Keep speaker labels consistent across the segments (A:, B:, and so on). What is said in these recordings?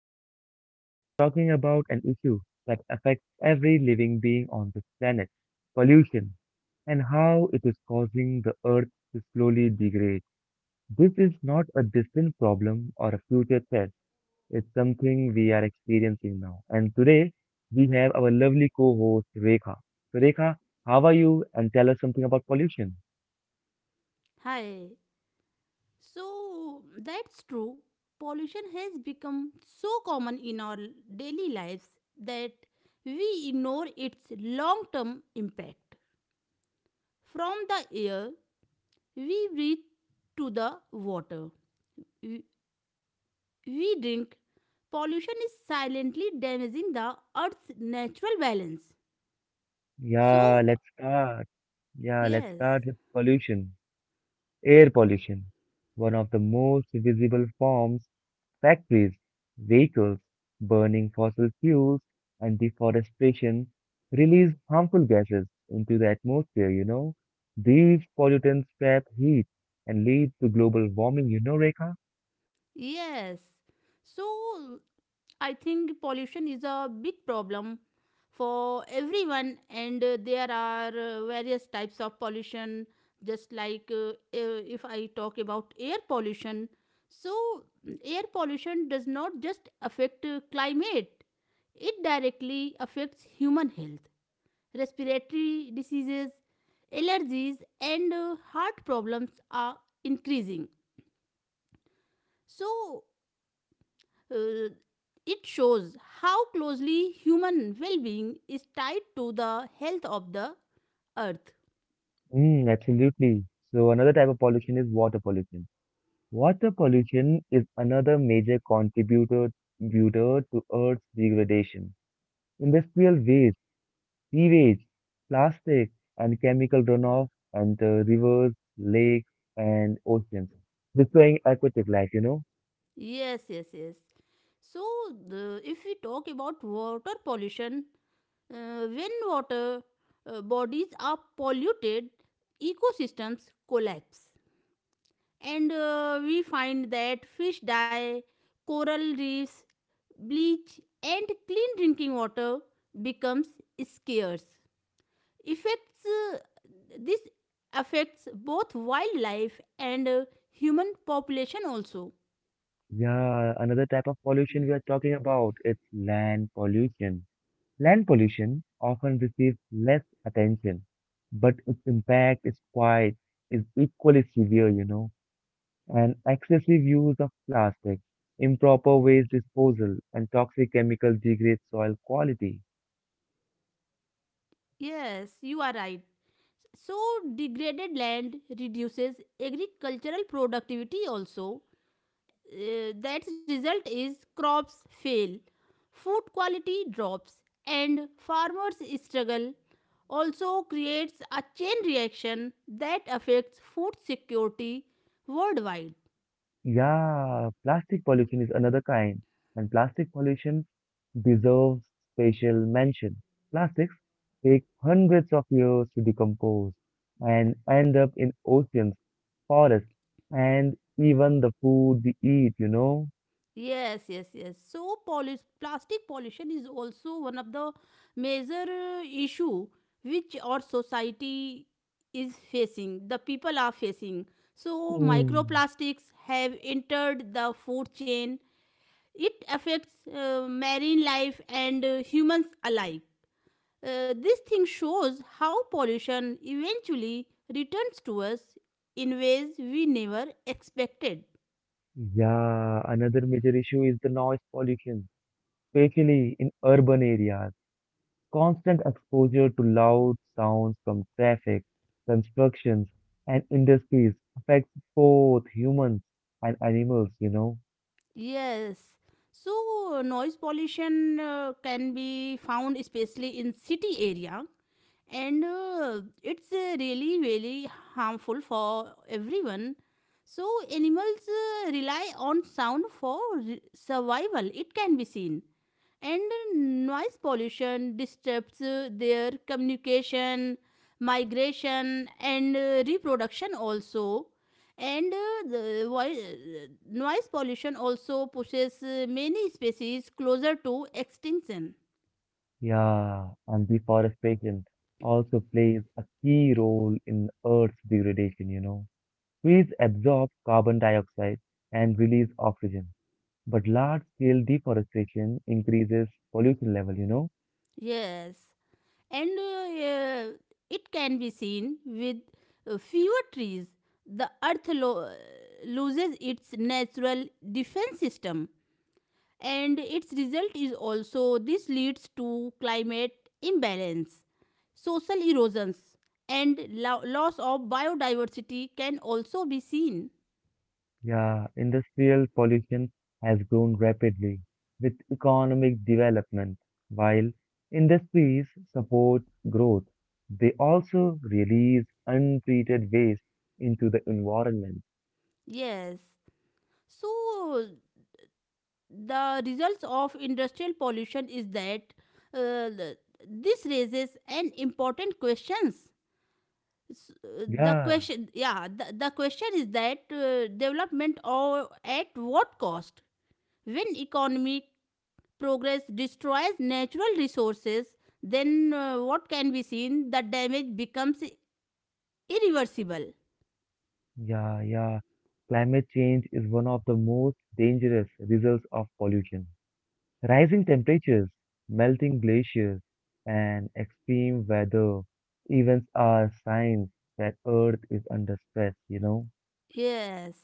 A: episode. We are talking about an issue that affects every living being on this planet pollution and how it is causing the earth to slowly degrade. This is not a distant problem or a future threat, it's something we are experiencing now. And today, we have our lovely co host, Rekha. So, Rekha, how are you? And tell us something about pollution.
B: Hi. So that's true. Pollution has become so common in our daily lives that we ignore its long term impact. From the air we breathe to the water we we drink, pollution is silently damaging the earth's natural balance.
A: Yeah,
B: So,
A: let's start. Yeah, let's
B: yes,
A: start with pollution. Air pollution, one of the most visible forms, factories, vehicles, burning fossil fuels, and deforestation release harmful gases into the atmosphere. These pollutants trap heat and lead to global warming, Rekha?
B: yes. So, I think pollution is a big problem for everyone, and there are various types of pollution, just like if I talk about air pollution. So, air pollution does not just affect climate, it directly affects human health. Respiratory diseases, allergies, and heart problems are increasing. So, uh, it shows how closely human well being is tied to the health of the earth.
A: Mm, absolutely. So another type of pollution is water pollution. Water pollution is another major contributor to Earth's degradation. Industrial waste, sewage, plastic, and chemical runoff, and rivers, lakes, and oceans, destroying aquatic life.
B: Yes, yes, yes. So, if we talk about water pollution, when water bodies are polluted, ecosystems collapse. And we find that fish die, coral reefs bleach, and clean drinking water becomes scarce. Effects uh, this affects both wildlife and human population also.
A: Yeah, another type of pollution we are talking about, it's land pollution. Land pollution often receives less attention, but its impact is equally severe. And excessive use of plastic, improper waste disposal, and toxic chemicals degrade soil quality.
B: Yes, you are right. So degraded land reduces agricultural productivity also. That result is crops fail, food quality drops, and farmers struggle. Also creates a chain reaction that affects food security worldwide.
A: Yeah, plastic pollution is another kind, and plastic pollution deserves special mention. Plastics take hundreds of years to decompose and end up in oceans, forests, and even the food we eat?
B: Yes, yes, yes. So pollu plastic pollution is also one of the major issue which our society is facing, the people are facing. So
A: Mm.
B: microplastics have entered the food chain. It affects marine life and humans alike. This thing shows how pollution eventually returns to us in ways we never expected.
A: Yeah, another major issue is the noise pollution, especially in urban areas. Constant exposure to loud sounds from traffic, constructions, and industries affects both humans and animals.
B: Yes. So noise pollution can be found especially in city area, and it's really really harmful for everyone. So animals rely on sound for survival. It can be seen, and noise pollution disturbs their communication, migration, and reproduction also, and noise pollution also pushes many species closer to extinction.
A: Yeah, and deforestation also plays a key role in Earth's degradation. Trees absorb carbon dioxide and release oxygen, but large-scale deforestation increases pollution level.
B: Yes. And it can be seen with fewer trees the earth loses its natural defense system, and its result is also this leads to climate imbalance, social erosions, and loss of biodiversity can also be seen.
A: Yeah, industrial pollution has grown rapidly with economic development. While industries support growth, they also release untreated waste into the environment.
B: Yes. So the results of industrial pollution is that uh, the- this raises an important questions. The
A: Yeah,
B: question, yeah, the question is that development or at what cost. When economic progress destroys natural resources, then what can be seen? The damage becomes irreversible.
A: yeah, yeah. Climate change is one of the most dangerous results of pollution. Rising temperatures, melting glaciers, and extreme weather events are signs that Earth is under stress?
B: Yes.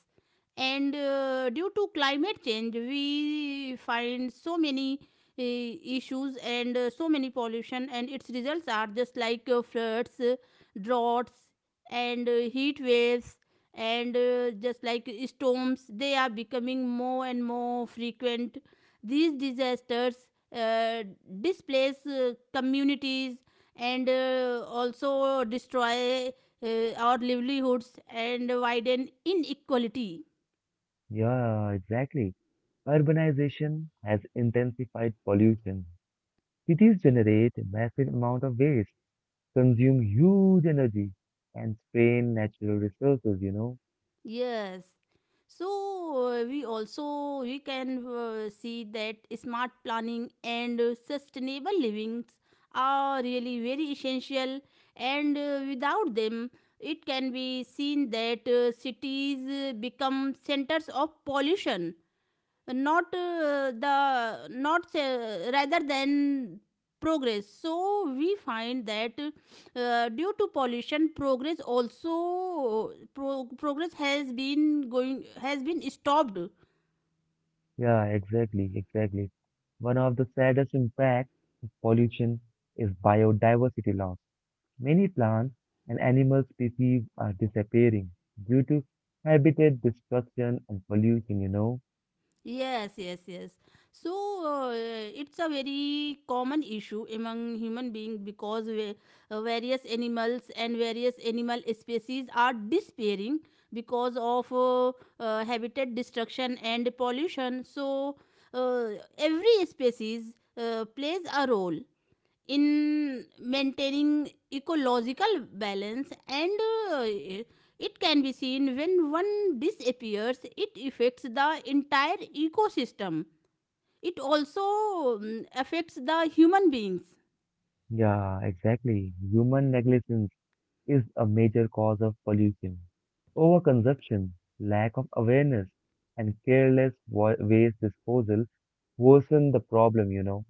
B: And due to climate change, we find so many issues and so many pollution, and its results are just like floods, droughts, and heat waves, and just like storms. They are becoming more and more frequent. These disasters uh, displace communities and also destroy our livelihoods and widen inequality.
A: Yeah, exactly. Urbanization has intensified pollution. Cities generate massive amount of waste, consume huge energy, and strain natural resources?
B: Yes. So we also we can see that smart planning and sustainable livings are really very essential, and without them it can be seen that cities become centers of pollution, not the not rather than progress. So we find that due to pollution progress also progress has been going has been stopped.
A: Yeah, exactly, exactly. One of the saddest impacts of pollution is biodiversity loss. Many plants and animal species are disappearing due to habitat destruction and pollution?
B: Yes, yes, yes. So it's a very common issue among human beings because various animals and various animal species are disappearing because of habitat destruction and pollution. So uh, every species plays a role in maintaining ecological balance, and uh, it can be seen when one disappears it affects the entire ecosystem. It also affects the human beings.
A: Yeah, exactly. Human negligence is a major cause of pollution. Overconsumption, lack of awareness, and careless waste disposal worsen the problem.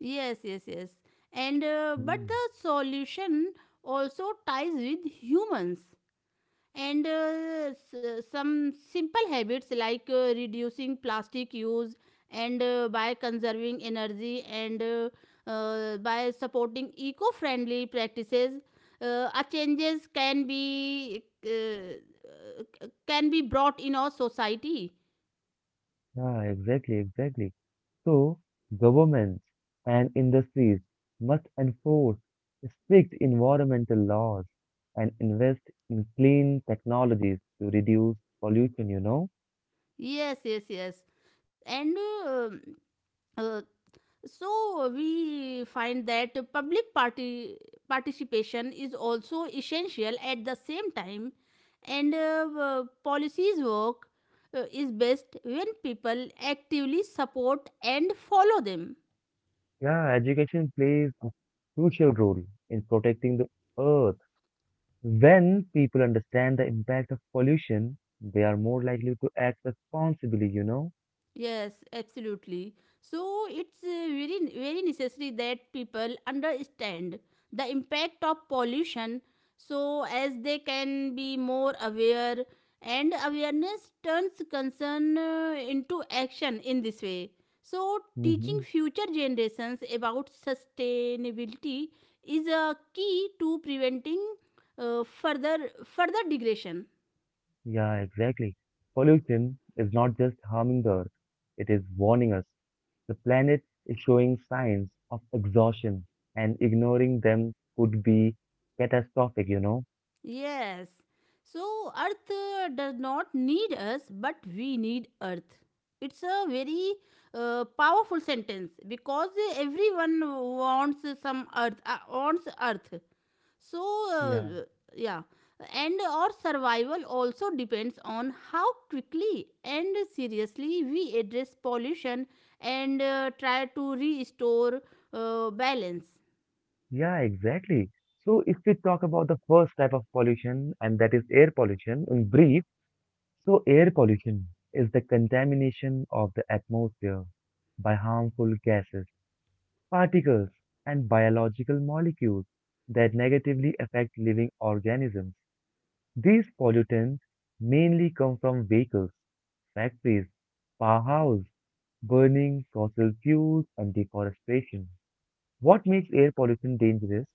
B: Yes, yes, yes. And but
A: Mm.
B: the solution also ties with humans, and some simple habits like reducing plastic use, and by conserving energy, and by supporting eco-friendly practices, our changes can be brought in our society.
A: Yeah, exactly, exactly. So, governments and industries must enforce strict environmental laws and invest in clean technologies to reduce pollution.
B: Yes, yes, yes. And uh, uh, so we find that public party participation is also essential at the same time, and policies work is best when people actively support and follow them.
A: Yeah, education plays a crucial role in protecting the earth. When people understand the impact of pollution, they are more likely to act responsibly?
B: Yes, absolutely. So it's very very necessary that people understand the impact of pollution so as they can be more aware, and awareness turns concern into action in this way. So
A: Hmm.
B: teaching future generations about sustainability is a key to preventing further degradation.
A: Yeah, exactly. Pollution is not just harming the earth, it is warning us. The planet is showing signs of exhaustion, and ignoring them could be catastrophic?
B: Yes. So Earth does not need us, but we need Earth. It's a very powerful sentence because everyone wants some Earth, wants Earth. So
A: Yeah,
B: uh, yeah, and our survival also depends on how quickly and seriously we address pollution and try to restore balance.
A: yeah, exactly. So, if we talk about the first type of pollution, and that is air pollution, in brief, so, air pollution is the contamination of the atmosphere by harmful gases, particles, and biological molecules that negatively affect living organisms. These pollutants mainly come from vehicles, factories, powerhouses, burning fossil fuels, and deforestation. What makes air pollution dangerous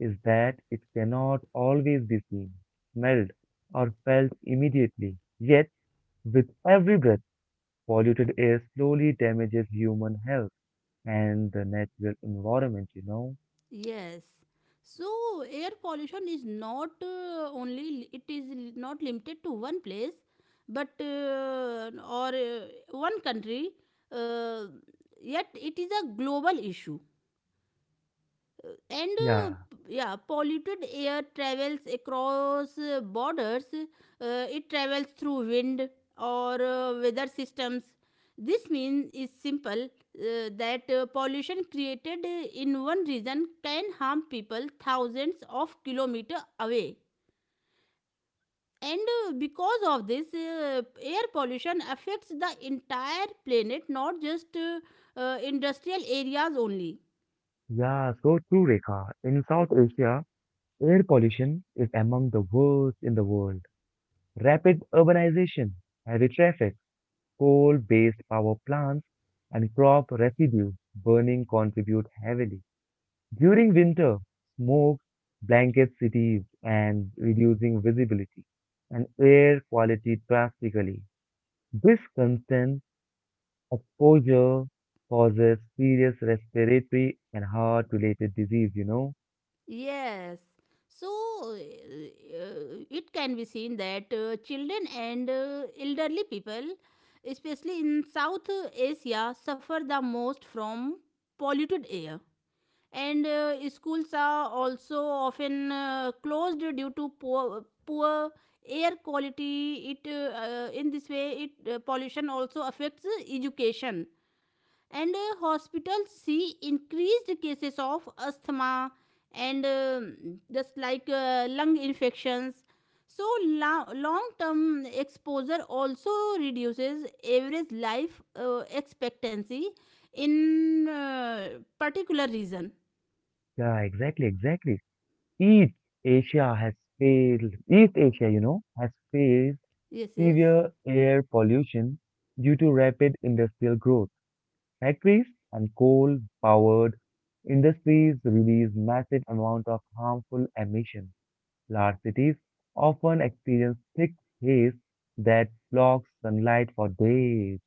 A: is that it cannot always be seen, smelled, or felt immediately. Yet, with every breath, polluted air slowly damages human health and the natural environment.
B: Yes. So air pollution is not only li- it is l- not limited to one place, but or one country. Uh, Yet it is a global issue, and
A: Yeah,
B: polluted air travels across borders. It travels through wind or weather systems. This means is simple, that pollution created in one region can harm people thousands of kilometers away, and because of this air pollution affects the entire planet, not just industrial areas only.
A: yeah, so true, Rekha. In South Asia, air pollution is among the worst in the world. Rapid urbanization, heavy traffic, coal-based power plants, and crop residue burning contribute heavily. During winter, smoke blankets cities and reducing visibility and air quality drastically. This constant exposure causes serious respiratory and heart-related disease.
B: Yes. So uh, it can be seen that children and elderly people, especially in South Asia, suffer the most from polluted air. And schools are also often closed due to poor air quality. It In this way, it pollution also affects education, and hospitals see increased cases of asthma and just like lung infections. So long term exposure also reduces average life expectancy in particular region.
A: Yeah, exactly, exactly. East East Asia, has faced
B: Yes, yes,
A: severe air pollution due to rapid industrial growth. Factories and coal-powered industries release massive amount of harmful emissions. Large cities often experience thick haze that blocks sunlight for days.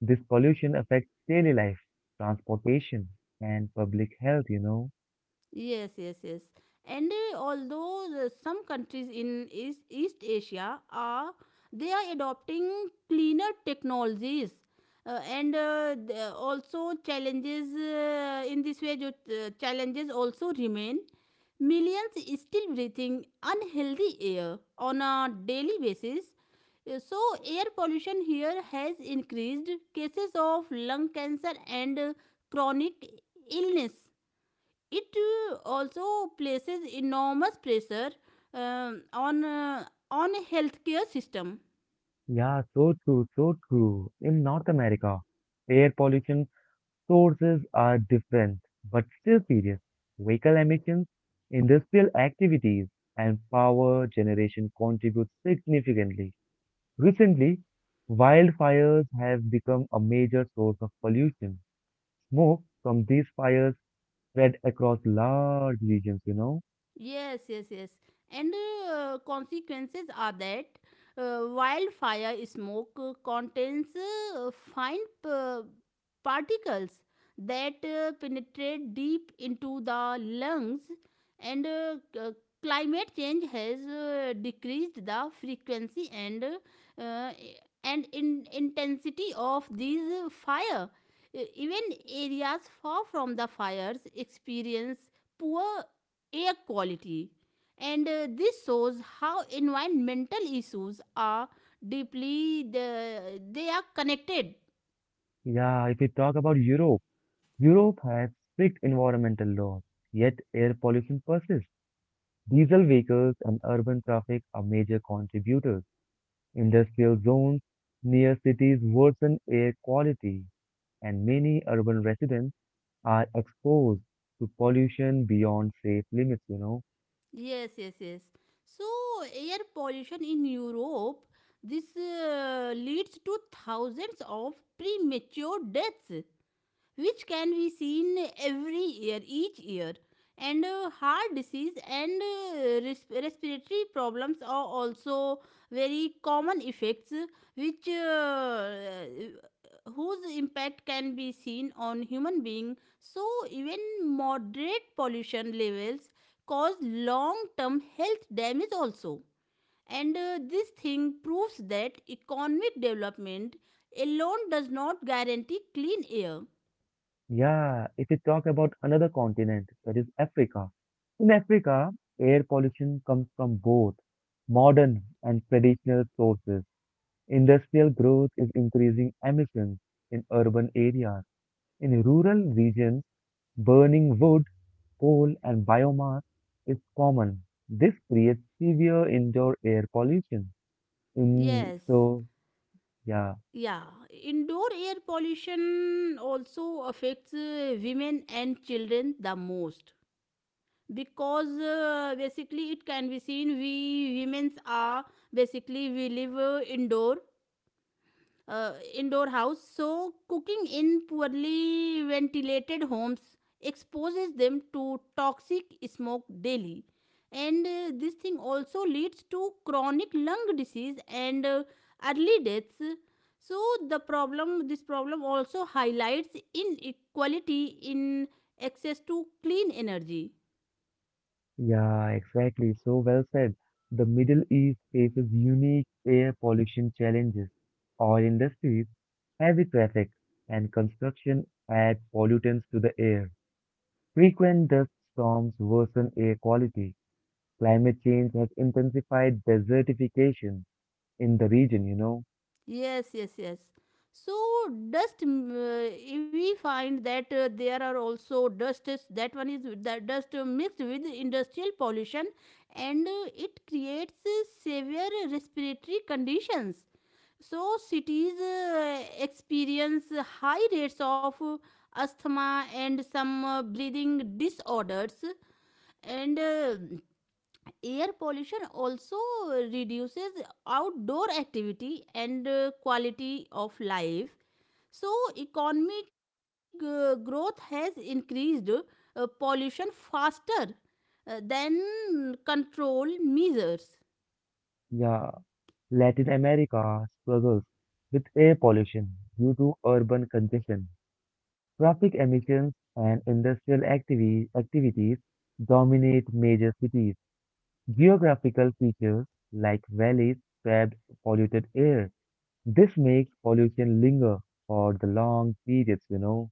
A: This pollution affects daily life, transportation, and public health.
B: yes. yes, yes. And although some countries in East Asia are they are adopting cleaner technologies, and also challenges in this way jo, challenges also remain. Millions is still breathing unhealthy air on a daily basis. So air pollution here has increased cases of lung cancer and chronic illness. It also places enormous pressure um on uh, on a healthcare system.
A: Yeah, so true, so true. In North America, air pollution sources are different, but still serious. Vehicle emissions, industrial activities, and power generation contribute significantly. Recently, wildfires have become a major source of pollution. Smoke from these fires spread across large regions.
B: Yes, yes, yes. And consequences are that wildfire smoke contains uh, fine p- particles that penetrate deep into the lungs, and climate change has decreased the frequency and I- and in intensity of these fire. Even areas far from the fires experience poor air quality. And this shows how environmental issues are deeply they are connected.
A: Yeah, if we talk about Europe, Europe has strict environmental laws, yet air pollution persists. Diesel vehicles and urban traffic are major contributors. Industrial zones near cities worsen air quality, and many urban residents are exposed to pollution beyond safe limits.
B: Yes, yes, yes. So air pollution in Europe this leads to thousands of premature deaths, which can be seen every year, each year. And heart disease and respiratory problems are also very common effects, which whose impact can be seen on human being. So even moderate pollution levels cause long-term health damage also. And this thing proves that economic development alone does not guarantee clean air.
A: Yeah, if you talk about another continent, that is Africa. In Africa, air pollution comes from both modern and traditional sources. Industrial growth is increasing emissions in urban areas. In rural regions, burning wood, coal, and biomass is common. This creates severe indoor air pollution. In
B: Yes,
A: so, yeah,
B: yeah. Indoor air pollution also affects women and children the most because basically it can be seen we women are basically we live indoor house. So, cooking in poorly ventilated homes exposes them to toxic smoke daily. And this thing also leads to chronic lung disease and early deaths. So, this problem also highlights inequality in access to clean energy.
A: yeah, exactly. So well said. The Middle East faces unique air pollution challenges. Oil industries, heavy traffic, and construction add pollutants to the air. Frequent dust storms worsen air quality. Climate change has intensified desertification in the region.
B: Yes, yes, yes. So we find that there are also dust. That one is with the dust mixed with industrial pollution, and it creates severe respiratory conditions. So cities experience high rates of asthma and some breathing disorders, and. Air pollution also reduces outdoor activity and quality of life. So economic growth has increased pollution faster than control measures.
A: Yeah, Latin America struggles with air pollution due to urban congestion. Traffic emissions and industrial activities dominate major cities. Geographical features like valleys trap polluted air. This makes pollution linger for the long periods.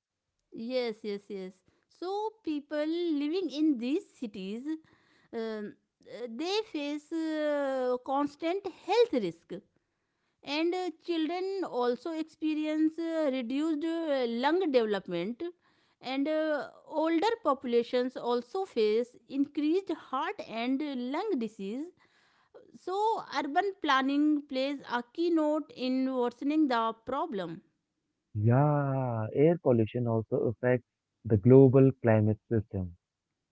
B: Yes, yes, yes. So people living in these cities um, they face constant health risk, and children also experience reduced lung development, and older populations also face increased heart and lung disease. So urban planning plays a key note in worsening the problem.
A: Yeah, air pollution also affects the global climate system.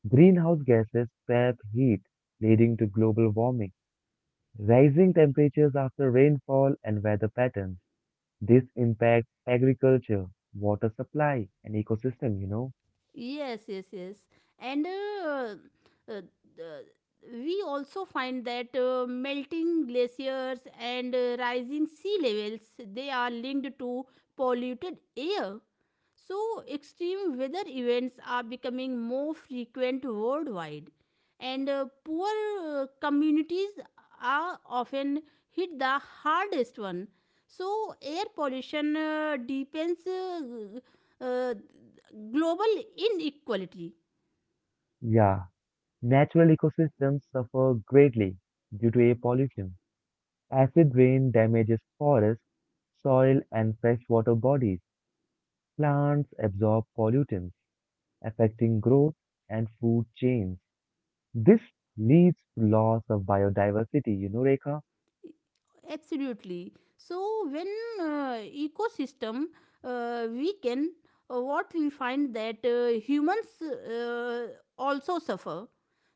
A: Greenhouse gases trap heat, leading to global warming, rising temperatures after rainfall and weather patterns. This impacts agriculture, water supply, and ecosystem.
B: Yes, yes, yes. And uh, uh, we also find that melting glaciers and rising sea levels they are linked to polluted air. So extreme weather events are becoming more frequent worldwide, and poor communities are often hit the hardest one. So, air pollution deepens uh, global inequality.
A: Yeah, natural ecosystems suffer greatly due to air pollution. Acid rain damages forests, soil, and freshwater bodies. Plants absorb pollutants, affecting growth and food chains. This leads to loss of biodiversity, Rekha?
B: Absolutely. So when uh, ecosystem weaken, what we find that humans also suffer.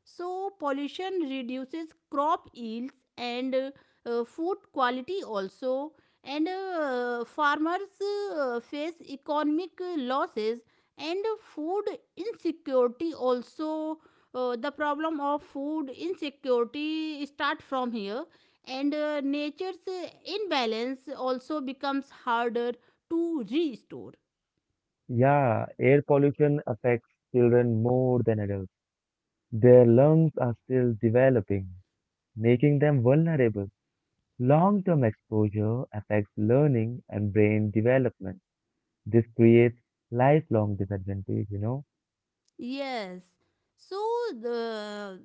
B: So pollution reduces crop yields and food quality also. And farmers face economic losses and food insecurity also. The problem of food insecurity start from here. And nature's imbalance also becomes harder to restore.
A: Yeah, air pollution affects children more than adults. Their lungs are still developing, making them vulnerable. Long-term exposure affects learning and brain development. This creates lifelong disadvantage?
B: Yes. So the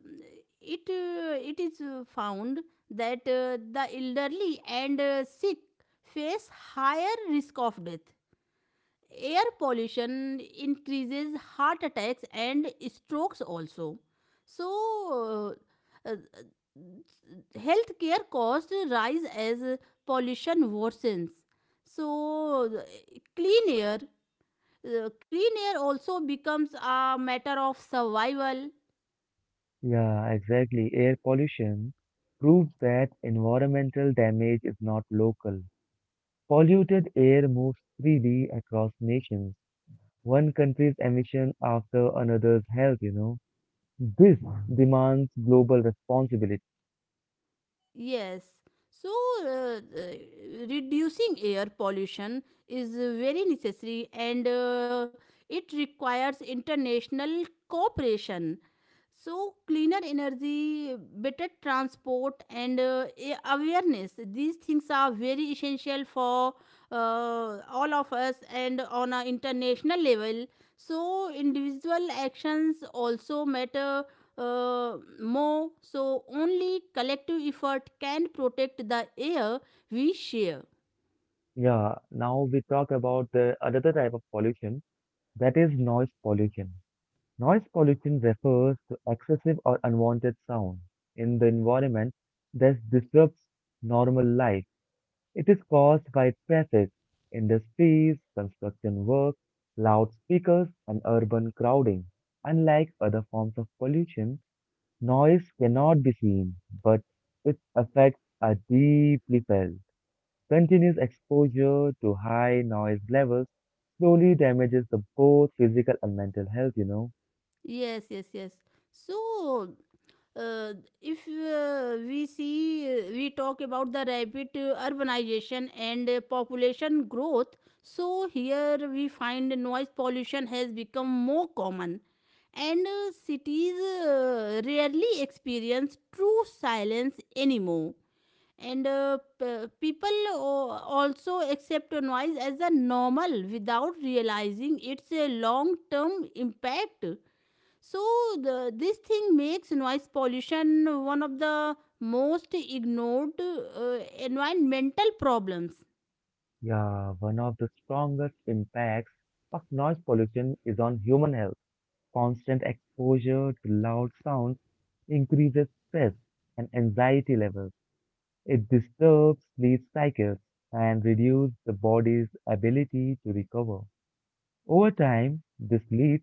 B: it it is found that the elderly and sick face higher risk of death. Air pollution increases heart attacks and strokes also. So uh, uh, healthcare costs rise as pollution worsens. So, clean air clean air also becomes a matter of survival.
A: Yeah, exactly. Air pollution proves that environmental damage is not local. Polluted air moves freely across nations. One country's emission after another's health? This demands global responsibility.
B: Yes. So, reducing air pollution is very necessary, and it requires international cooperation. So, cleaner energy, better transport, and awareness these things are very essential for all of us and on an international level. So, individual actions also matter more. So, only collective effort can protect the air we share.
A: Yeah, now we talk about the another type of pollution, that is noise pollution. Noise pollution refers to excessive or unwanted sound in the environment that disrupts normal life. It is caused by traffic, industries, construction work, loudspeakers, and urban crowding. Unlike other forms of pollution, noise cannot be seen, but its effects are deeply felt. Continuous exposure to high noise levels slowly damages the both physical and mental health.
B: Yes, yes, yes. So, uh, if we we talk about the rapid urbanization and population growth. So, here we find noise pollution has become more common. And cities rarely experience true silence anymore. And people also accept noise as a normal without realizing its a long term impact. So this thing makes noise pollution one of the most ignored environmental problems.
A: Yeah, one of the strongest impacts of noise pollution is on human health. Constant exposure to loud sounds increases stress and anxiety levels. It disturbs sleep cycles and reduces the body's ability to recover. Over time, this leads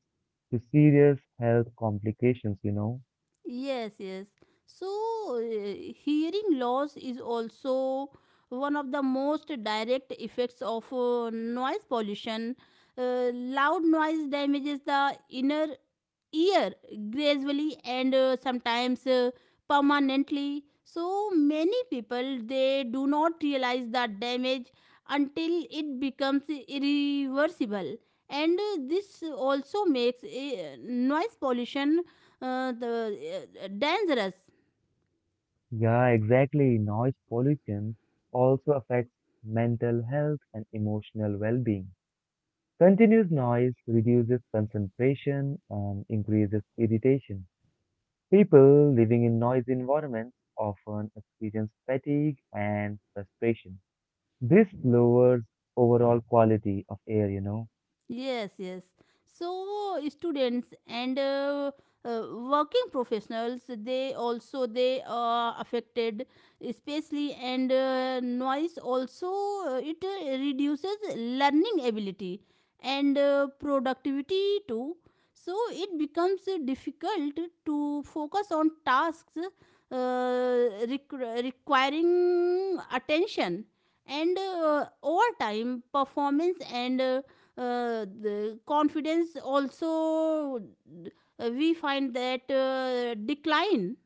A: to serious health complications.
B: Yes, yes. So hearing loss is also one of the most direct effects of noise pollution. Loud noise damages the inner year gradually and sometimes permanently. So many people they do not realize the damage until it becomes irreversible. And this also makes noise pollution dangerous.
A: Yeah, exactly. Noise pollution also affects mental health and emotional well-being. Continuous noise reduces concentration and increases irritation. People living in noisy environments often experience fatigue and frustration. This lowers overall quality of air.
B: Yes, yes. So students and working professionals, they also they are affected, especially, and noise also it reduces learning ability and productivity too. So it becomes difficult to focus on tasks requiring attention. And over time performance and the confidence also, we find that decline.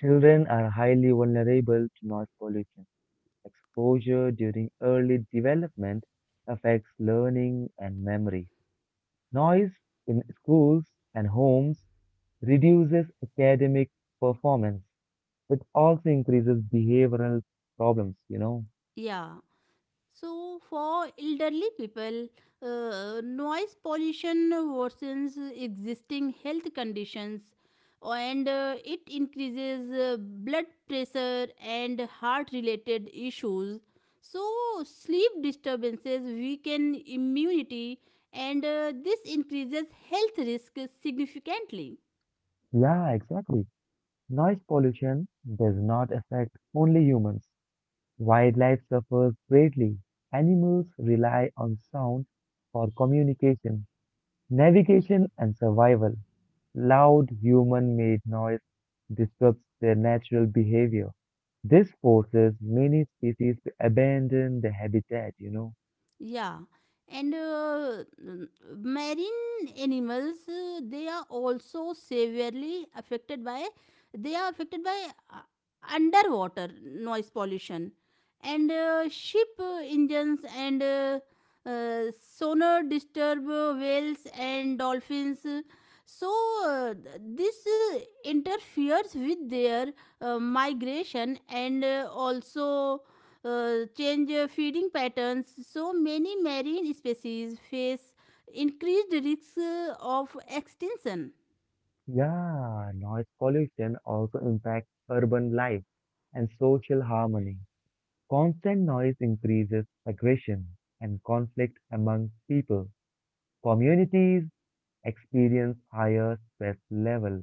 A: Children are highly vulnerable to noise pollution. Exposure during early development affects learning and memory. Noise in schools and homes reduces academic performance. It also increases behavioral problems.
B: Yeah. So for elderly people, noise pollution worsens existing health conditions, and it increases blood pressure and heart related issues. So sleep disturbances weaken immunity, and this increases health risk significantly.
A: Yeah, exactly. Noise pollution does not affect only humans. Wildlife suffers greatly. Animals rely on sound for communication, navigation, and survival. Loud human-made noise disrupts their natural behavior. This forces many species to abandon the habitat.
B: Yeah. And marine animals they are also severely affected by, they are affected by uh, underwater noise pollution. And ship engines and sonar disturb whales and dolphins. So this interferes with their migration and also change feeding patterns. So many marine species face increased risks of extinction.
A: Yeah, noise pollution also impacts urban life and social harmony. Constant noise increases aggression and conflict among people. Communities experience higher stress level.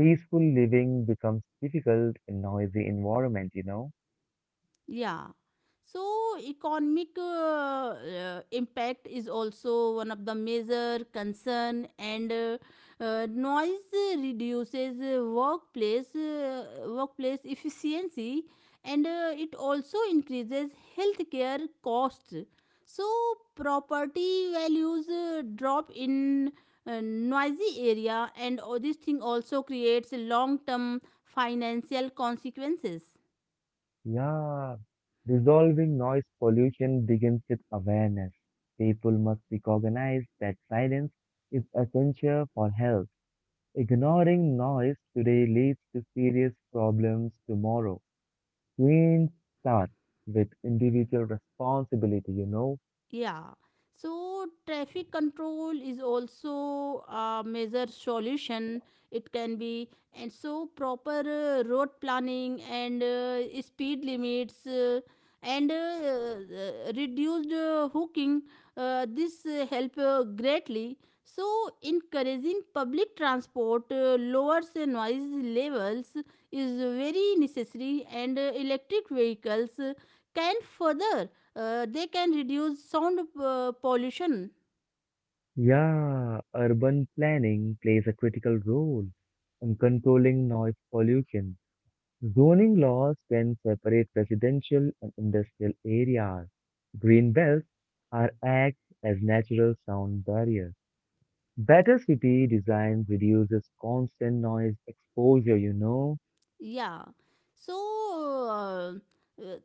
A: Peaceful living becomes difficult in noisy environment.
B: Yeah. So, economic impact is also one of the major concern, and noise reduces workplace efficiency, and it also increases healthcare costs. So, property values drop in noisy area, and this thing also creates long term financial consequences.
A: Yeah, resolving noise pollution begins with awareness. People must recognize that silence is essential for health. Ignoring noise today leads to serious problems tomorrow. Change starts with individual responsibility.
B: Yeah. So traffic control is also a major solution. It can be, and so proper road planning and speed limits and reduced hooking. This help greatly. So encouraging public transport lowers noise levels is very necessary, and electric vehicles can further they can reduce sound pollution.
A: Yeah, urban planning plays a critical role in controlling noise pollution. Zoning laws can separate residential and industrial areas. Green belts are acts as natural sound barriers. Better city design reduces constant noise exposure.
B: Yeah. So uh, uh,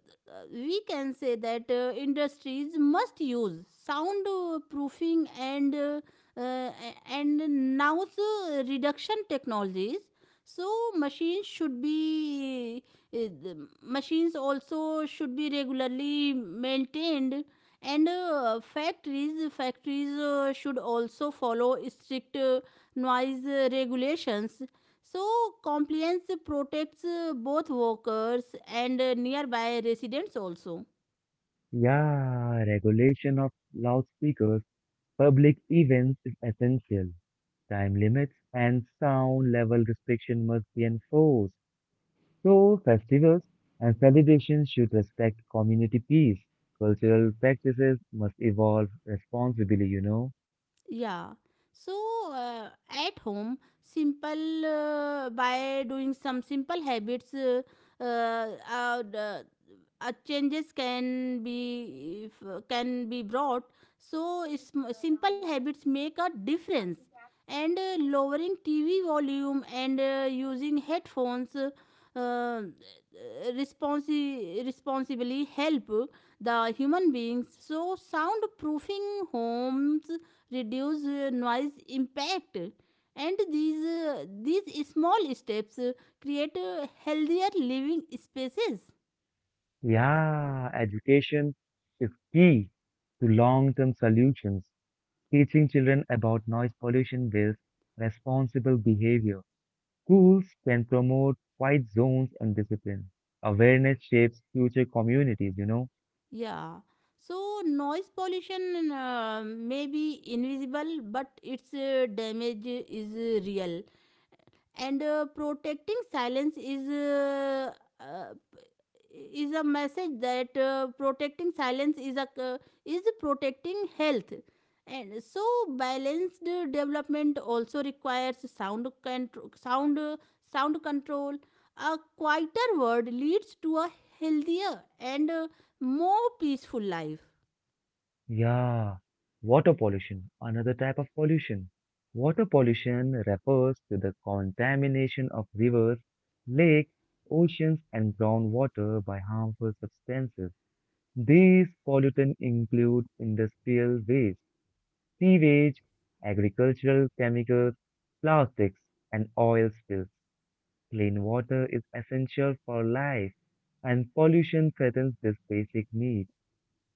B: we can say that industries must use sound proofing and uh, and noise reduction technologies. So machines should be uh, the machines also should be regularly maintained, and factories should also follow strict noise regulations. So, compliance protects both workers and nearby residents also.
A: Yeah, regulation of loudspeakers, public events is essential. Time limits and sound level restriction must be enforced. So, festivals and celebrations should respect community peace. Cultural practices must evolve responsibly.
B: Yeah. So, at home, simple by doing some simple habits, uh, uh, the- changes can be if, can be brought. So, simple habits make a difference. And lowering TV volume and using headphones uh, uh, responsibly help the human beings. So, soundproofing homes reduce noise impact, and these small steps create healthier living spaces.
A: Yeah, education is key to long term solutions. Teaching children about noise pollution builds responsible behavior. Schools can promote quiet zones and discipline. Awareness shapes future communities.
B: Yeah. So, noise pollution may be invisible, but its damage is real. And protecting silence uh, is a message that protecting silence is protecting health. And so balanced development also requires sound control. A quieter world leads to a healthier and more peaceful life.
A: Yeah, water pollution, another type of pollution. Water pollution refers to the contamination of rivers, lakes, oceans, and groundwater by harmful substances. These pollutants include industrial waste, sewage, agricultural chemicals, plastics, and oil spills. Clean water is essential for life, and pollution threatens this basic need.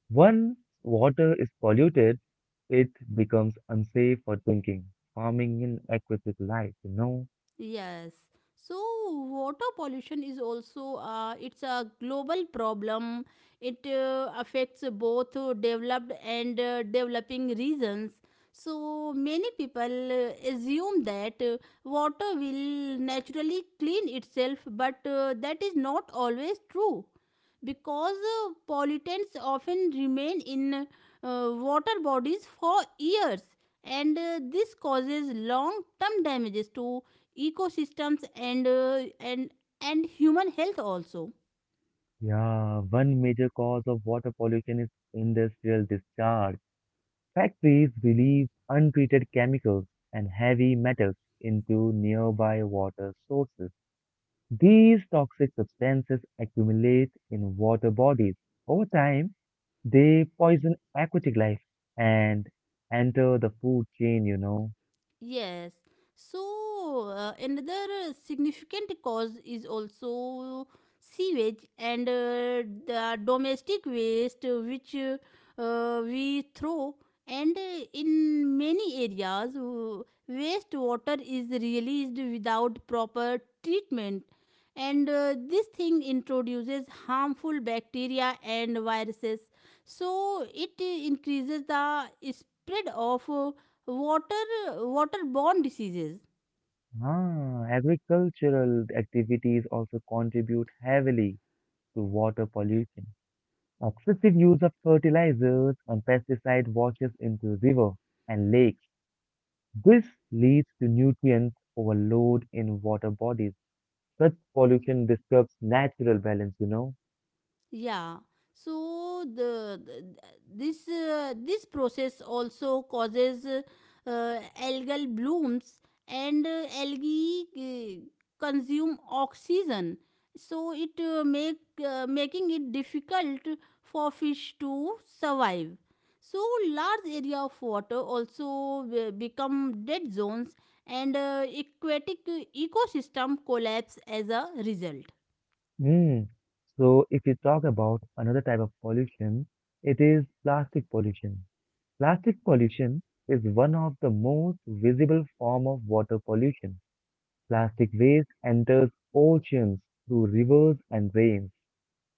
A: Once water is polluted, it becomes unsafe for drinking, farming, and aquatic life.
B: Yes. So water pollution is also, it's a global problem. It affects both developed and developing regions. So many people assume that water will naturally clean itself, but that is not always true, because pollutants often remain in water bodies for years. And this causes long term damages to ecosystems and and human health also.
A: Yeah, one major cause of water pollution is industrial discharge. Factories release untreated chemicals and heavy metals into nearby water sources. These toxic substances accumulate in water bodies. Over time, they poison aquatic life and enter the food chain.
B: Yes. So, another significant cause is also sewage and the domestic waste which we throw. And in many areas, wastewater is released without proper treatment. And this thing introduces harmful bacteria and viruses. So, it increases the spread of water waterborne diseases.
A: Agricultural activities also contribute heavily to water pollution. Excessive use of fertilizers and pesticide washes into rivers and lakes. This leads to nutrient overload in water bodies. Such pollution disturbs natural balance.
B: Yeah. So this process also causes algal blooms, and algae consume oxygen. So it make making it difficult for fish to survive. So large area of water also become dead zones, and aquatic ecosystem collapse as a result.
A: Mm. So if you talk about another type of pollution, it is plastic pollution. Plastic pollution is one of the most visible form of water pollution. Plastic waste enters oceans through rivers and rains.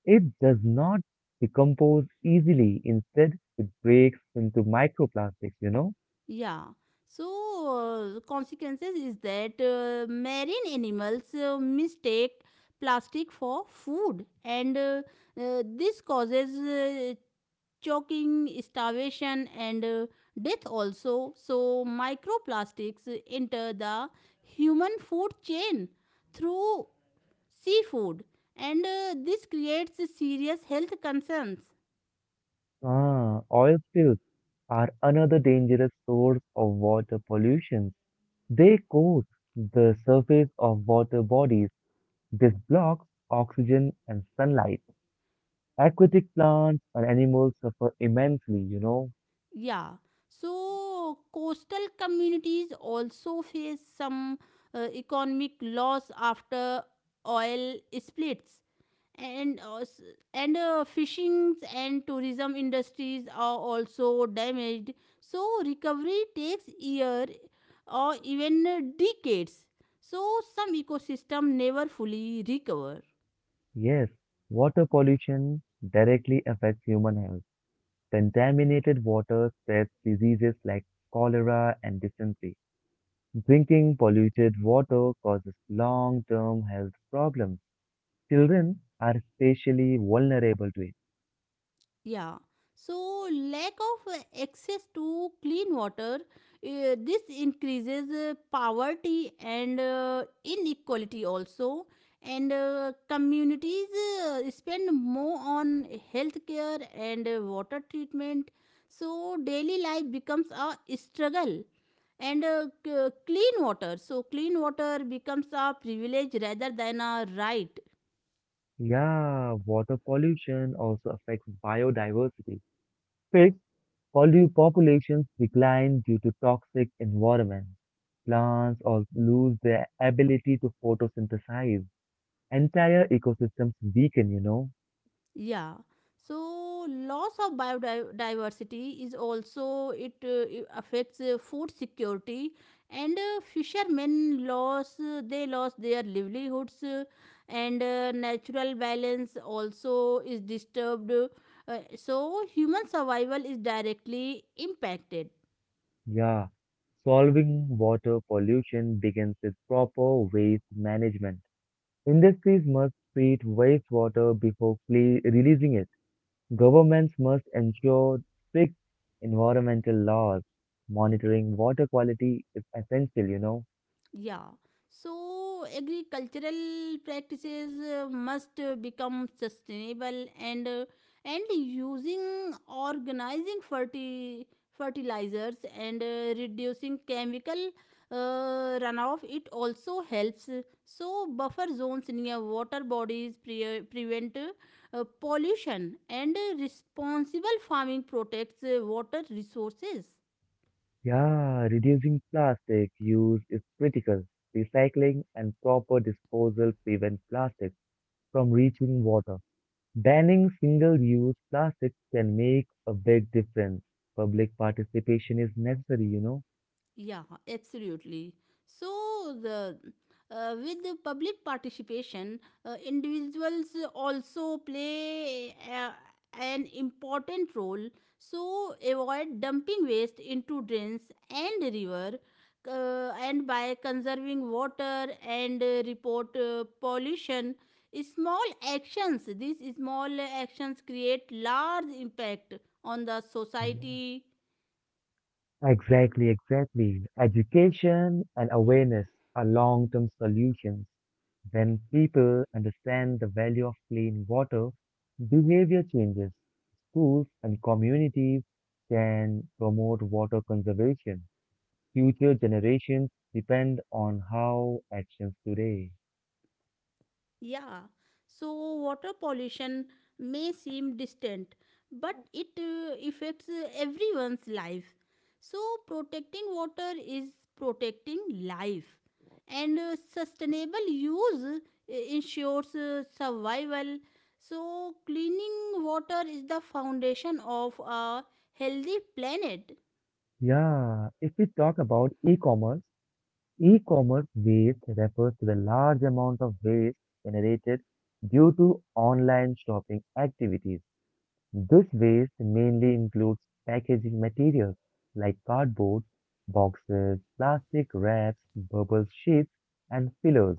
A: It does not decompose easily. Instead, it breaks into microplastics?
B: Yeah. So, consequences is that marine animals mistake plastic for food, and this causes choking, starvation, and death also. So, microplastics enter the human food chain through seafood, and this creates serious health concerns.
A: Oil spills are another dangerous source of water pollution. They coat the surface of water bodies. This blocks oxygen and sunlight. Aquatic plants and animals suffer immensely?
B: Yeah. So coastal communities also face some economic loss after oil splits, and uh, s- and fishing and tourism industries are also damaged. So recovery takes year or even decades. So some ecosystem never fully recover.
A: Yes, water pollution directly affects human health. Contaminated water spreads diseases like cholera and dysentery. Drinking polluted water causes long-term health problems. Children are especially vulnerable to it.
B: Yeah. So, lack of access to clean water, this increases poverty and inequality also. And communities spend more on healthcare and water treatment. So, daily life becomes a struggle. And c- clean water. So, clean water becomes a privilege rather than a right.
A: Yeah, water pollution also affects biodiversity. Fish populations decline due to toxic environment. Plants also lose their ability to photosynthesize. Entire ecosystems weaken.
B: Yeah. So loss of biodiversity is also, it affects food security, and fishermen loss they lost their livelihoods, and natural balance also is disturbed. So human survival is directly impacted.
A: Yeah, solving water pollution begins with proper waste management. Industries must treat wastewater before releasing it. Governments must ensure strict environmental laws. Monitoring water quality is essential.
B: Yeah. So agricultural practices must become sustainable, and using organizing fertilizers and reducing chemical runoff it also helps. So buffer zones near water bodies prevent pollution, and responsible farming protects water resources.
A: Yeah, reducing plastic use is critical. Recycling and proper disposal prevent plastic from reaching water. Banning single-use plastics can make a big difference. Public participation is necessary.
B: Yeah, absolutely. So, the with the public participation, individuals also play an important role. So, avoid dumping waste into drains and river, and by conserving water and report pollution. Small actions. These small actions create large impact on the
A: Yeah.
B: society.
A: Exactly, exactly. Education and awareness are long-term solutions. When people understand the value of clean water, behavior changes. Schools and communities can promote water conservation. Future generations depend on how actions today.
B: Yeah. So water pollution may seem distant, but it affects everyone's life. So, protecting water is protecting life, and sustainable use ensures survival. So, cleaning water is the foundation of a healthy planet.
A: Yeah, if we talk about e-commerce, e-commerce waste refers to the large amount of waste generated due to online shopping activities. This waste mainly includes packaging materials like cardboard, boxes, plastic wraps, bubble sheets, and pillows.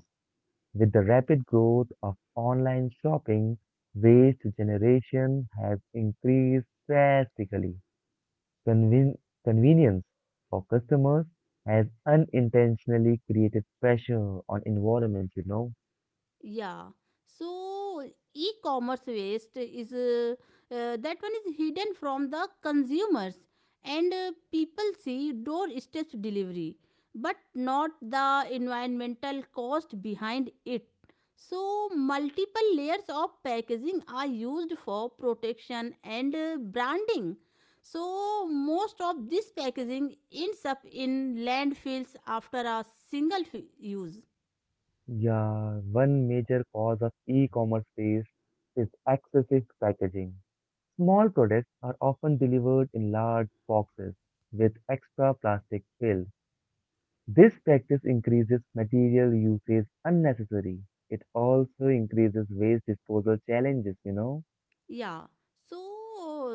A: With the rapid growth of online shopping, waste generation has increased drastically conven- convenience for customers has unintentionally created pressure on environment.
B: Yeah. So e-commerce waste is that one is hidden from the consumers, and people see doorstep delivery but not the environmental cost behind it. So multiple layers of packaging are used for protection and branding. So most of this packaging ends up in landfills after a single use.
A: Yeah, one major cause of e-commerce waste is excessive packaging. Small products are often delivered in large boxes with extra plastic fill. This practice increases material usage unnecessary. It also increases waste disposal challenges.
B: Yeah. So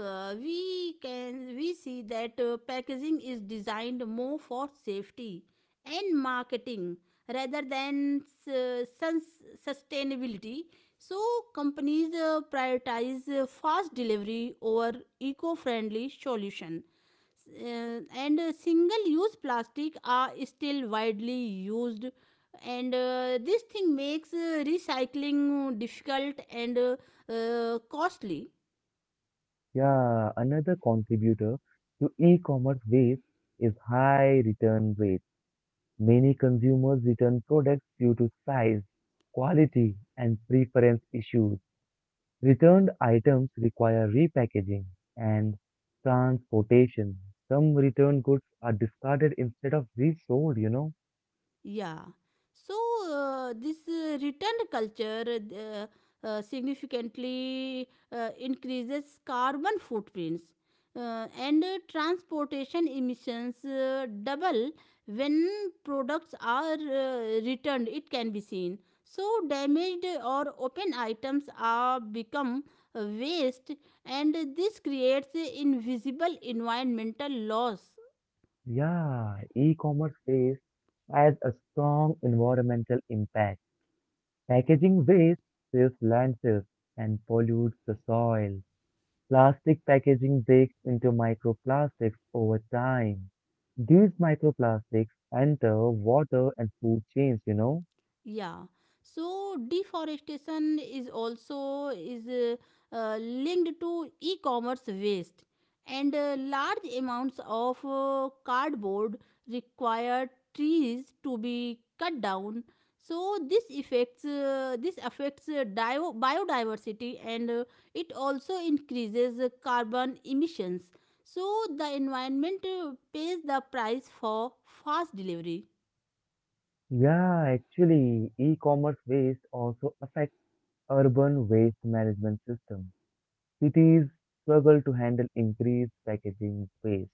B: we see that packaging is designed more for safety and marketing rather than sustainability. So companies prioritize fast delivery over eco-friendly solution. And single-use plastic are still widely used, and this thing makes recycling difficult and costly.
A: Yeah, another contributor to e-commerce waste is high return rates. Many consumers return products due to size, quality, and preference issues. Returned items require repackaging and transportation. Some returned goods are discarded instead of resold?
B: Yeah. So this returned culture significantly increases carbon footprints. And transportation emissions double when products are returned, it can be seen. So damaged or open items are become waste, and this creates invisible environmental loss.
A: Yeah, e-commerce waste has a strong environmental impact. Packaging waste fills landfills and pollutes the soil. Plastic packaging breaks into microplastics over time. These microplastics enter water and food chains?
B: Yeah. So deforestation is linked to e-commerce waste, and large amounts of cardboard require trees to be cut down. So this affects biodiversity, and it also increases carbon emissions. So the environment pays the price for fast delivery.
A: Yeah, actually, e-commerce waste also affects urban waste management systems. Cities struggle to handle increased packaging waste.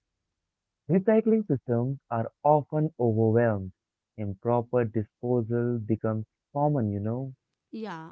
A: Recycling systems are often overwhelmed. Improper disposal becomes common?
B: Yeah.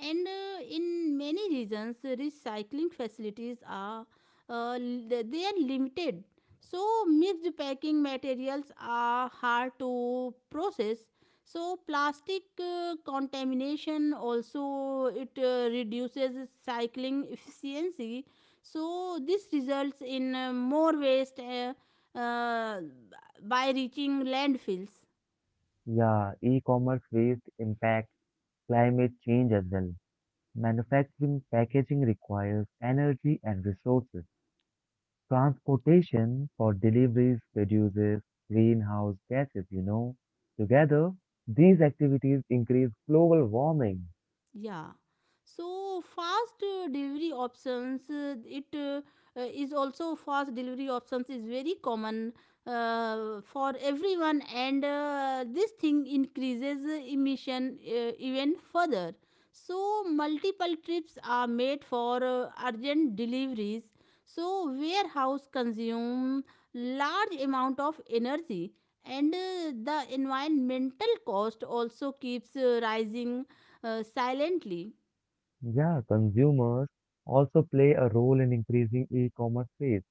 B: And in many regions, recycling facilities are li- they are limited. So mixed packing materials are hard to process. So plastic contamination also it reduces cycling efficiency. So this results in more waste uh, by reaching landfills.
A: Yeah, e-commerce waste impacts climate change as well. Manufacturing packaging requires energy and resources. Transportation for deliveries produces greenhouse gases. Together, these activities increase global warming.
B: Yeah. So fast delivery options, it is also fast delivery options is very common for everyone, and this thing increases emission even further. So multiple trips are made for urgent deliveries. So warehouse consume large amount of energy, and the environmental cost also keeps rising silently.
A: Yeah, consumers also play a role in increasing e-commerce sales.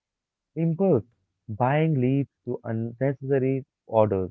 A: Impulse buying leads to unnecessary orders.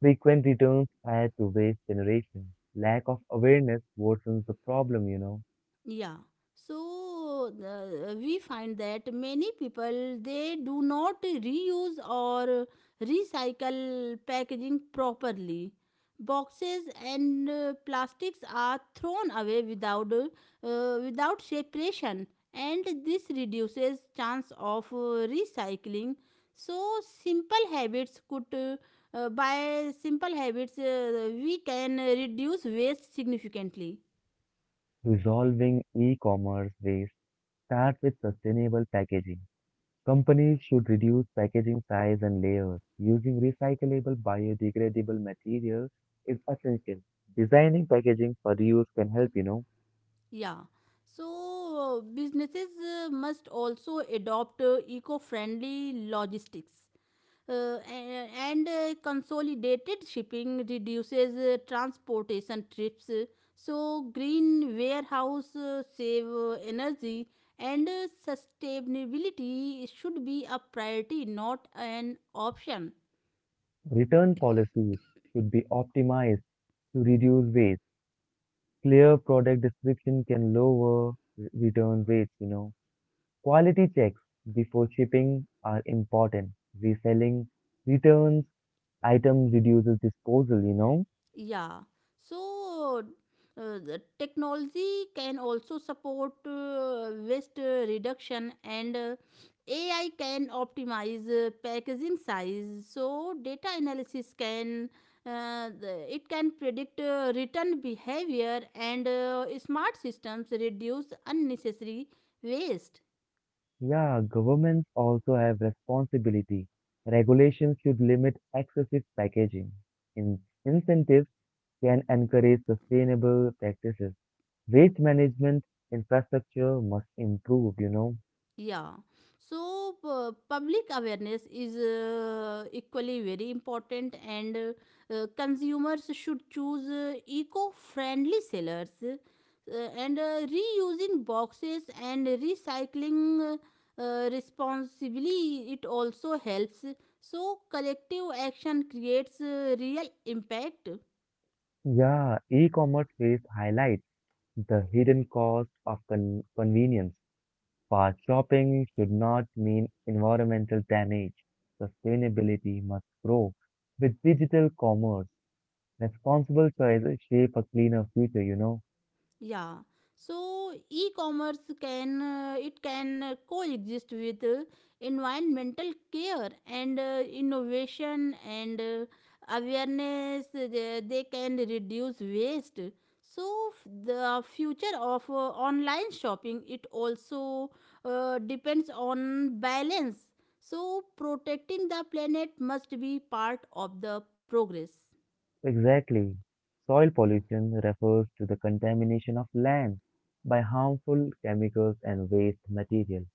A: Frequent returns add to waste generation. Lack of awareness worsens the problem.
B: Yeah. So we find that many people they do not reuse or recycle packaging properly. Boxes and plastics are thrown away without separation, and this reduces chance of recycling. So simple habits could by simple habits, we can reduce waste significantly.
A: Resolving e-commerce waste Start with sustainable packaging. Companies should reduce packaging size and layers. Using recyclable biodegradable materials is essential. Designing packaging for reuse can help.
B: Yeah. So businesses must also adopt eco-friendly logistics. And consolidated shipping reduces transportation trips. So green warehouse save energy and sustainability should be a priority, not an option.
A: Return policies should be optimized to reduce waste. Clear product description can lower return rates. Quality checks before shipping are important. Reselling returns item reduces disposal.
B: Yeah. So the technology can also support waste reduction and AI can optimize packaging size. So, data analysis can it can predict return behavior and smart systems reduce unnecessary waste.
A: Yeah, governments also have responsibility. Regulations should limit excessive packaging. In incentives can encourage sustainable practices. Waste management infrastructure must improve.
B: Yeah. Public awareness is equally very important, and consumers should choose eco friendly sellers and reusing boxes and recycling. Responsibly it also helps, so collective action creates real impact.
A: Yeah, e-commerce phase highlights the hidden cost of con convenience. Fast shopping should not mean environmental damage. Sustainability must grow with digital commerce. Responsible choices shape a cleaner future.
B: Yeah. So e-commerce can it can coexist with environmental care and innovation and awareness. They can reduce waste. So the future of online shopping, it also depends on balance. So protecting the planet must be part of the progress.
A: Exactly. Soil pollution refers to the contamination of land by harmful chemicals and waste material.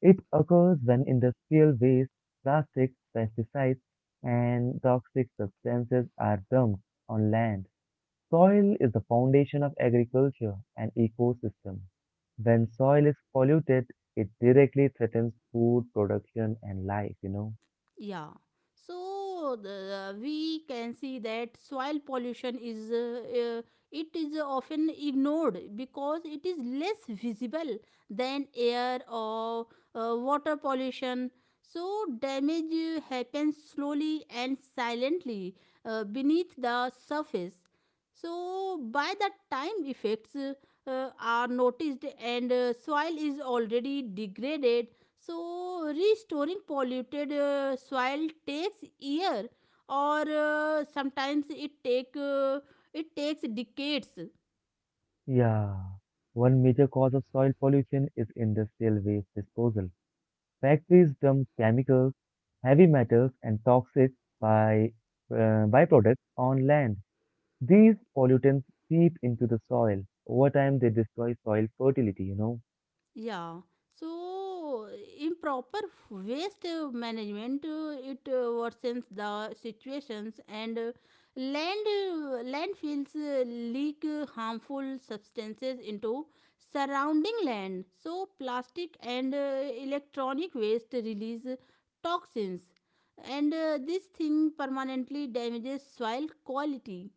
A: It occurs when industrial waste, plastics, pesticides, and toxic substances are dumped on land. Soil is the foundation of agriculture and ecosystem. When soil is polluted, it directly threatens food production and life.
B: Yeah. So we can see that soil pollution is it is often ignored because it is less visible than air or water pollution. So damage happens slowly and silently beneath the surface. So by the time effects are noticed, and soil is already degraded, so restoring polluted soil takes year, or sometimes it takes decades.
A: Yeah, one major cause of soil pollution is industrial waste disposal. Factories dump chemicals, heavy metals, and toxic by, byproducts on land. These pollutants seep into the soil. Over time, they destroy soil fertility.
B: Yeah. So improper waste management it worsens the situations, and landfills leak harmful substances into surrounding land. So plastic and electronic waste release toxins, and this thing permanently damages soil quality.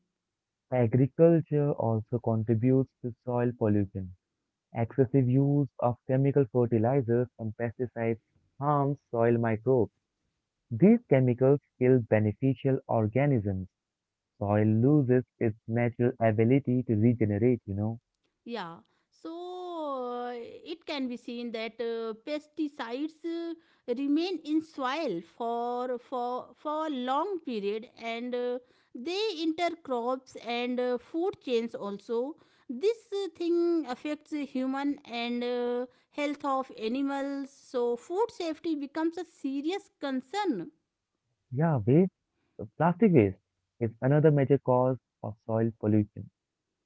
A: Agriculture also contributes to soil pollution. Excessive use of chemical fertilizers and pesticides harms soil microbes. These chemicals kill beneficial organisms soil loses its natural ability to regenerate.
B: Yeah, so it can be seen that pesticides remain in soil for a long period, and they intercrops and food chains also. This thing affects the human and health of animals, so food safety becomes a serious concern.
A: Yeah, plastic waste is another major cause of soil pollution.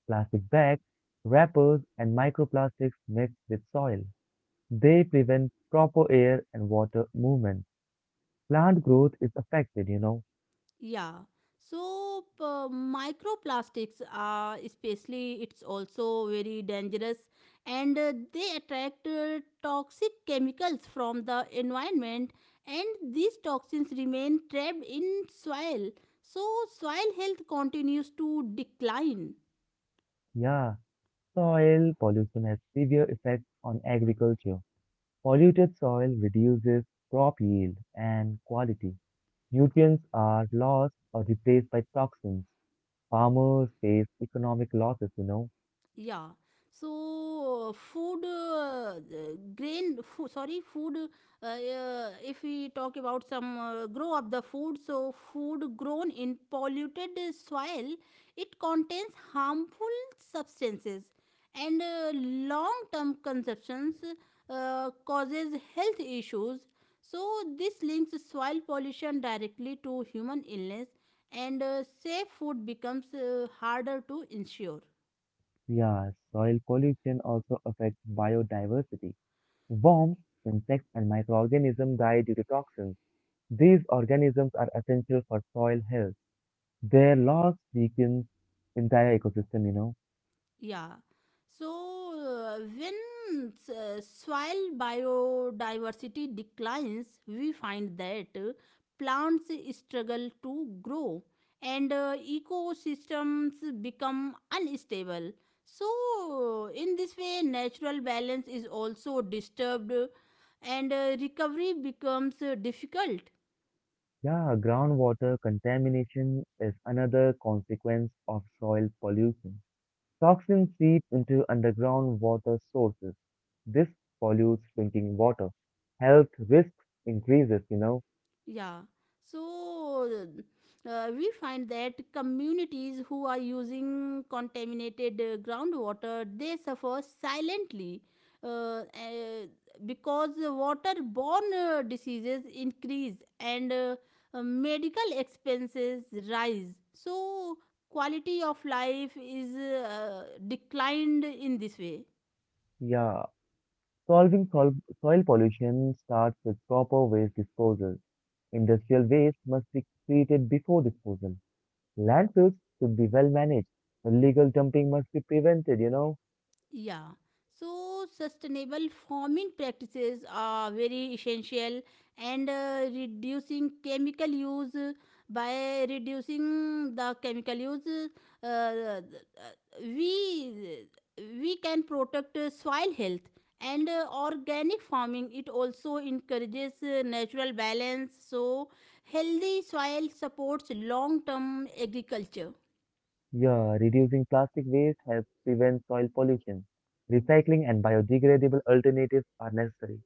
A: Plastic bags, wrappers, and microplastics mixed with soil. They prevent proper air and water movement. Plant growth is affected.
B: Yeah. So microplastics are especially it's also very dangerous, and they attract toxic chemicals from the environment, and these toxins remain trapped in soil. So soil health continues to decline.
A: Yeah, soil pollution has severe effects on agriculture. Polluted soil reduces crop yield and quality. Nutrients are lost or replaced by toxins. Farmers face economic losses.
B: Yeah, so food grain food sorry food if we talk about some grow up the food, so food grown in polluted soil, it contains harmful substances, and long term consumptions causes health issues, so this links soil pollution directly to human illness, and safe food becomes harder to ensure.
A: Yeah, soil pollution also affects biodiversity. Worms, insects, and microorganisms die due to toxins. These organisms are essential for soil health. Their loss weakens entire ecosystem.
B: Yeah. So when soil biodiversity declines, we find that plants struggle to grow, and ecosystems become unstable. So, in this way, natural balance is also disturbed, and recovery becomes difficult.
A: Yeah, groundwater contamination is another consequence of soil pollution. Toxins seep into underground water sources. This pollutes drinking water. Health risks increases.
B: Yeah. So we find that communities who are using contaminated groundwater, they suffer silently, uh, uh, because waterborne diseases increase, and medical expenses rise. So quality of life is declined in this way.
A: Yeah, solving sol soil pollution starts with proper waste disposal. Industrial waste must be treated before disposal. Landfills should be well managed. Illegal dumping must be prevented.
B: Yeah. So, sustainable farming practices are very essential, and reducing chemical use by reducing the chemical use, uh, uh, we we can protect soil health, and organic farming, it also encourages natural balance, so healthy soil supports long term agriculture.
A: Yeah, reducing plastic waste helps prevent soil pollution. Recycling and biodegradable alternatives are necessary.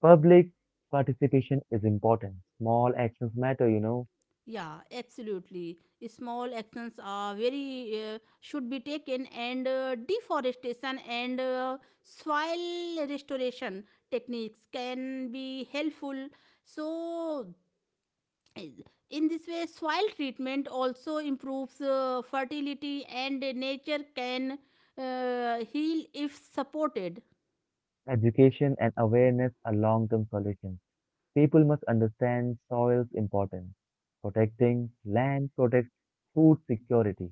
A: Public participation is important. Small actions matter.
B: Yeah, absolutely. Small actions are very should be taken, and deforestation and soil restoration techniques can be helpful. So, in this way, soil treatment also improves fertility, and nature can heal if supported.
A: Education and awareness are long-term solutions. People must understand soil's importance. Protecting land protects food security.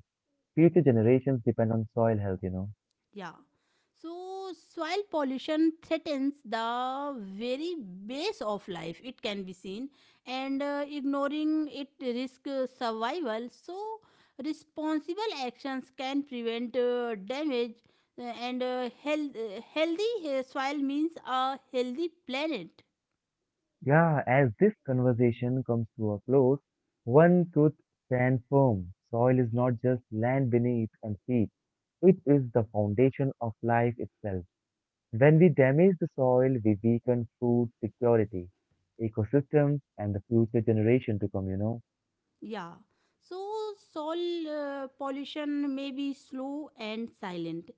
A: Future generations depend on soil health.
B: Yeah. So soil pollution threatens the very base of life, it can be seen, and ignoring it risk survival. So responsible actions can prevent damage, and healthy soil means a healthy planet.
A: Yeah, as this conversation comes to a close, one truth stands firm. Soil is not just land beneath and feet. It is the foundation of life itself. When we damage the soil, we weaken food security, ecosystems, and the future generation to come.
B: Yeah. So soil pollution may be slow and silent.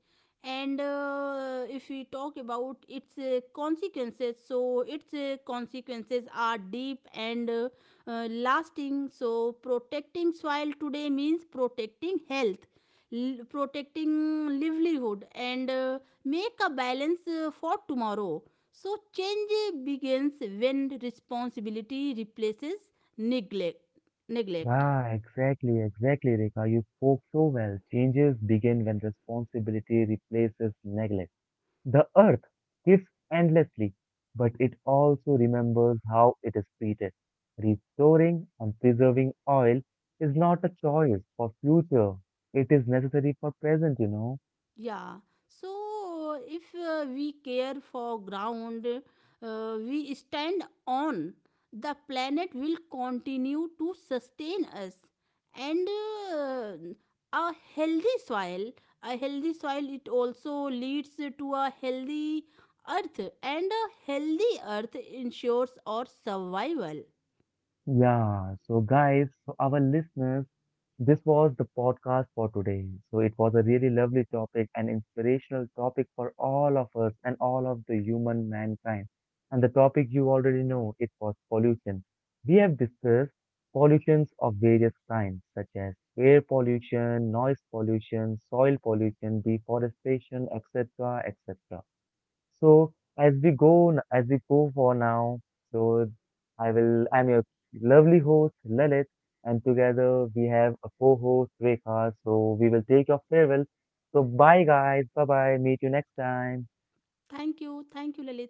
B: And if we talk about its consequences, so its consequences are deep and lasting. So protecting soil today means protecting health, protecting livelihood, and make a balance for tomorrow. So change begins when responsibility replaces neglect, neglect.
A: Exactly, exactly, Rekha. You spoke so well. Changes begin when responsibility replaces neglect. The earth gives endlessly, but it also remembers how it is treated. Restoring and preserving oil is not a choice for future. It is necessary for present.
B: Yeah, so if we care for ground we stand on, the planet will continue to sustain us, and uh, a healthy soil, a healthy soil it also leads to a healthy earth, and a healthy earth ensures our survival.
A: Yeah, so guys, so our listeners, this was the podcast for today. So it was a really lovely topic, an inspirational topic for all of us and all of the human mankind. And the topic you already know, it was pollution. We have discussed pollutions of various kinds, such as air pollution, noise pollution, soil pollution, deforestation, etc., etc. So as we go for now, so I'm your lovely host, Lalit, and together we have a co-host, Rekha. So we will take your farewell. So bye guys, bye bye, meet you next time.
B: Thank you, thank you, Lalit.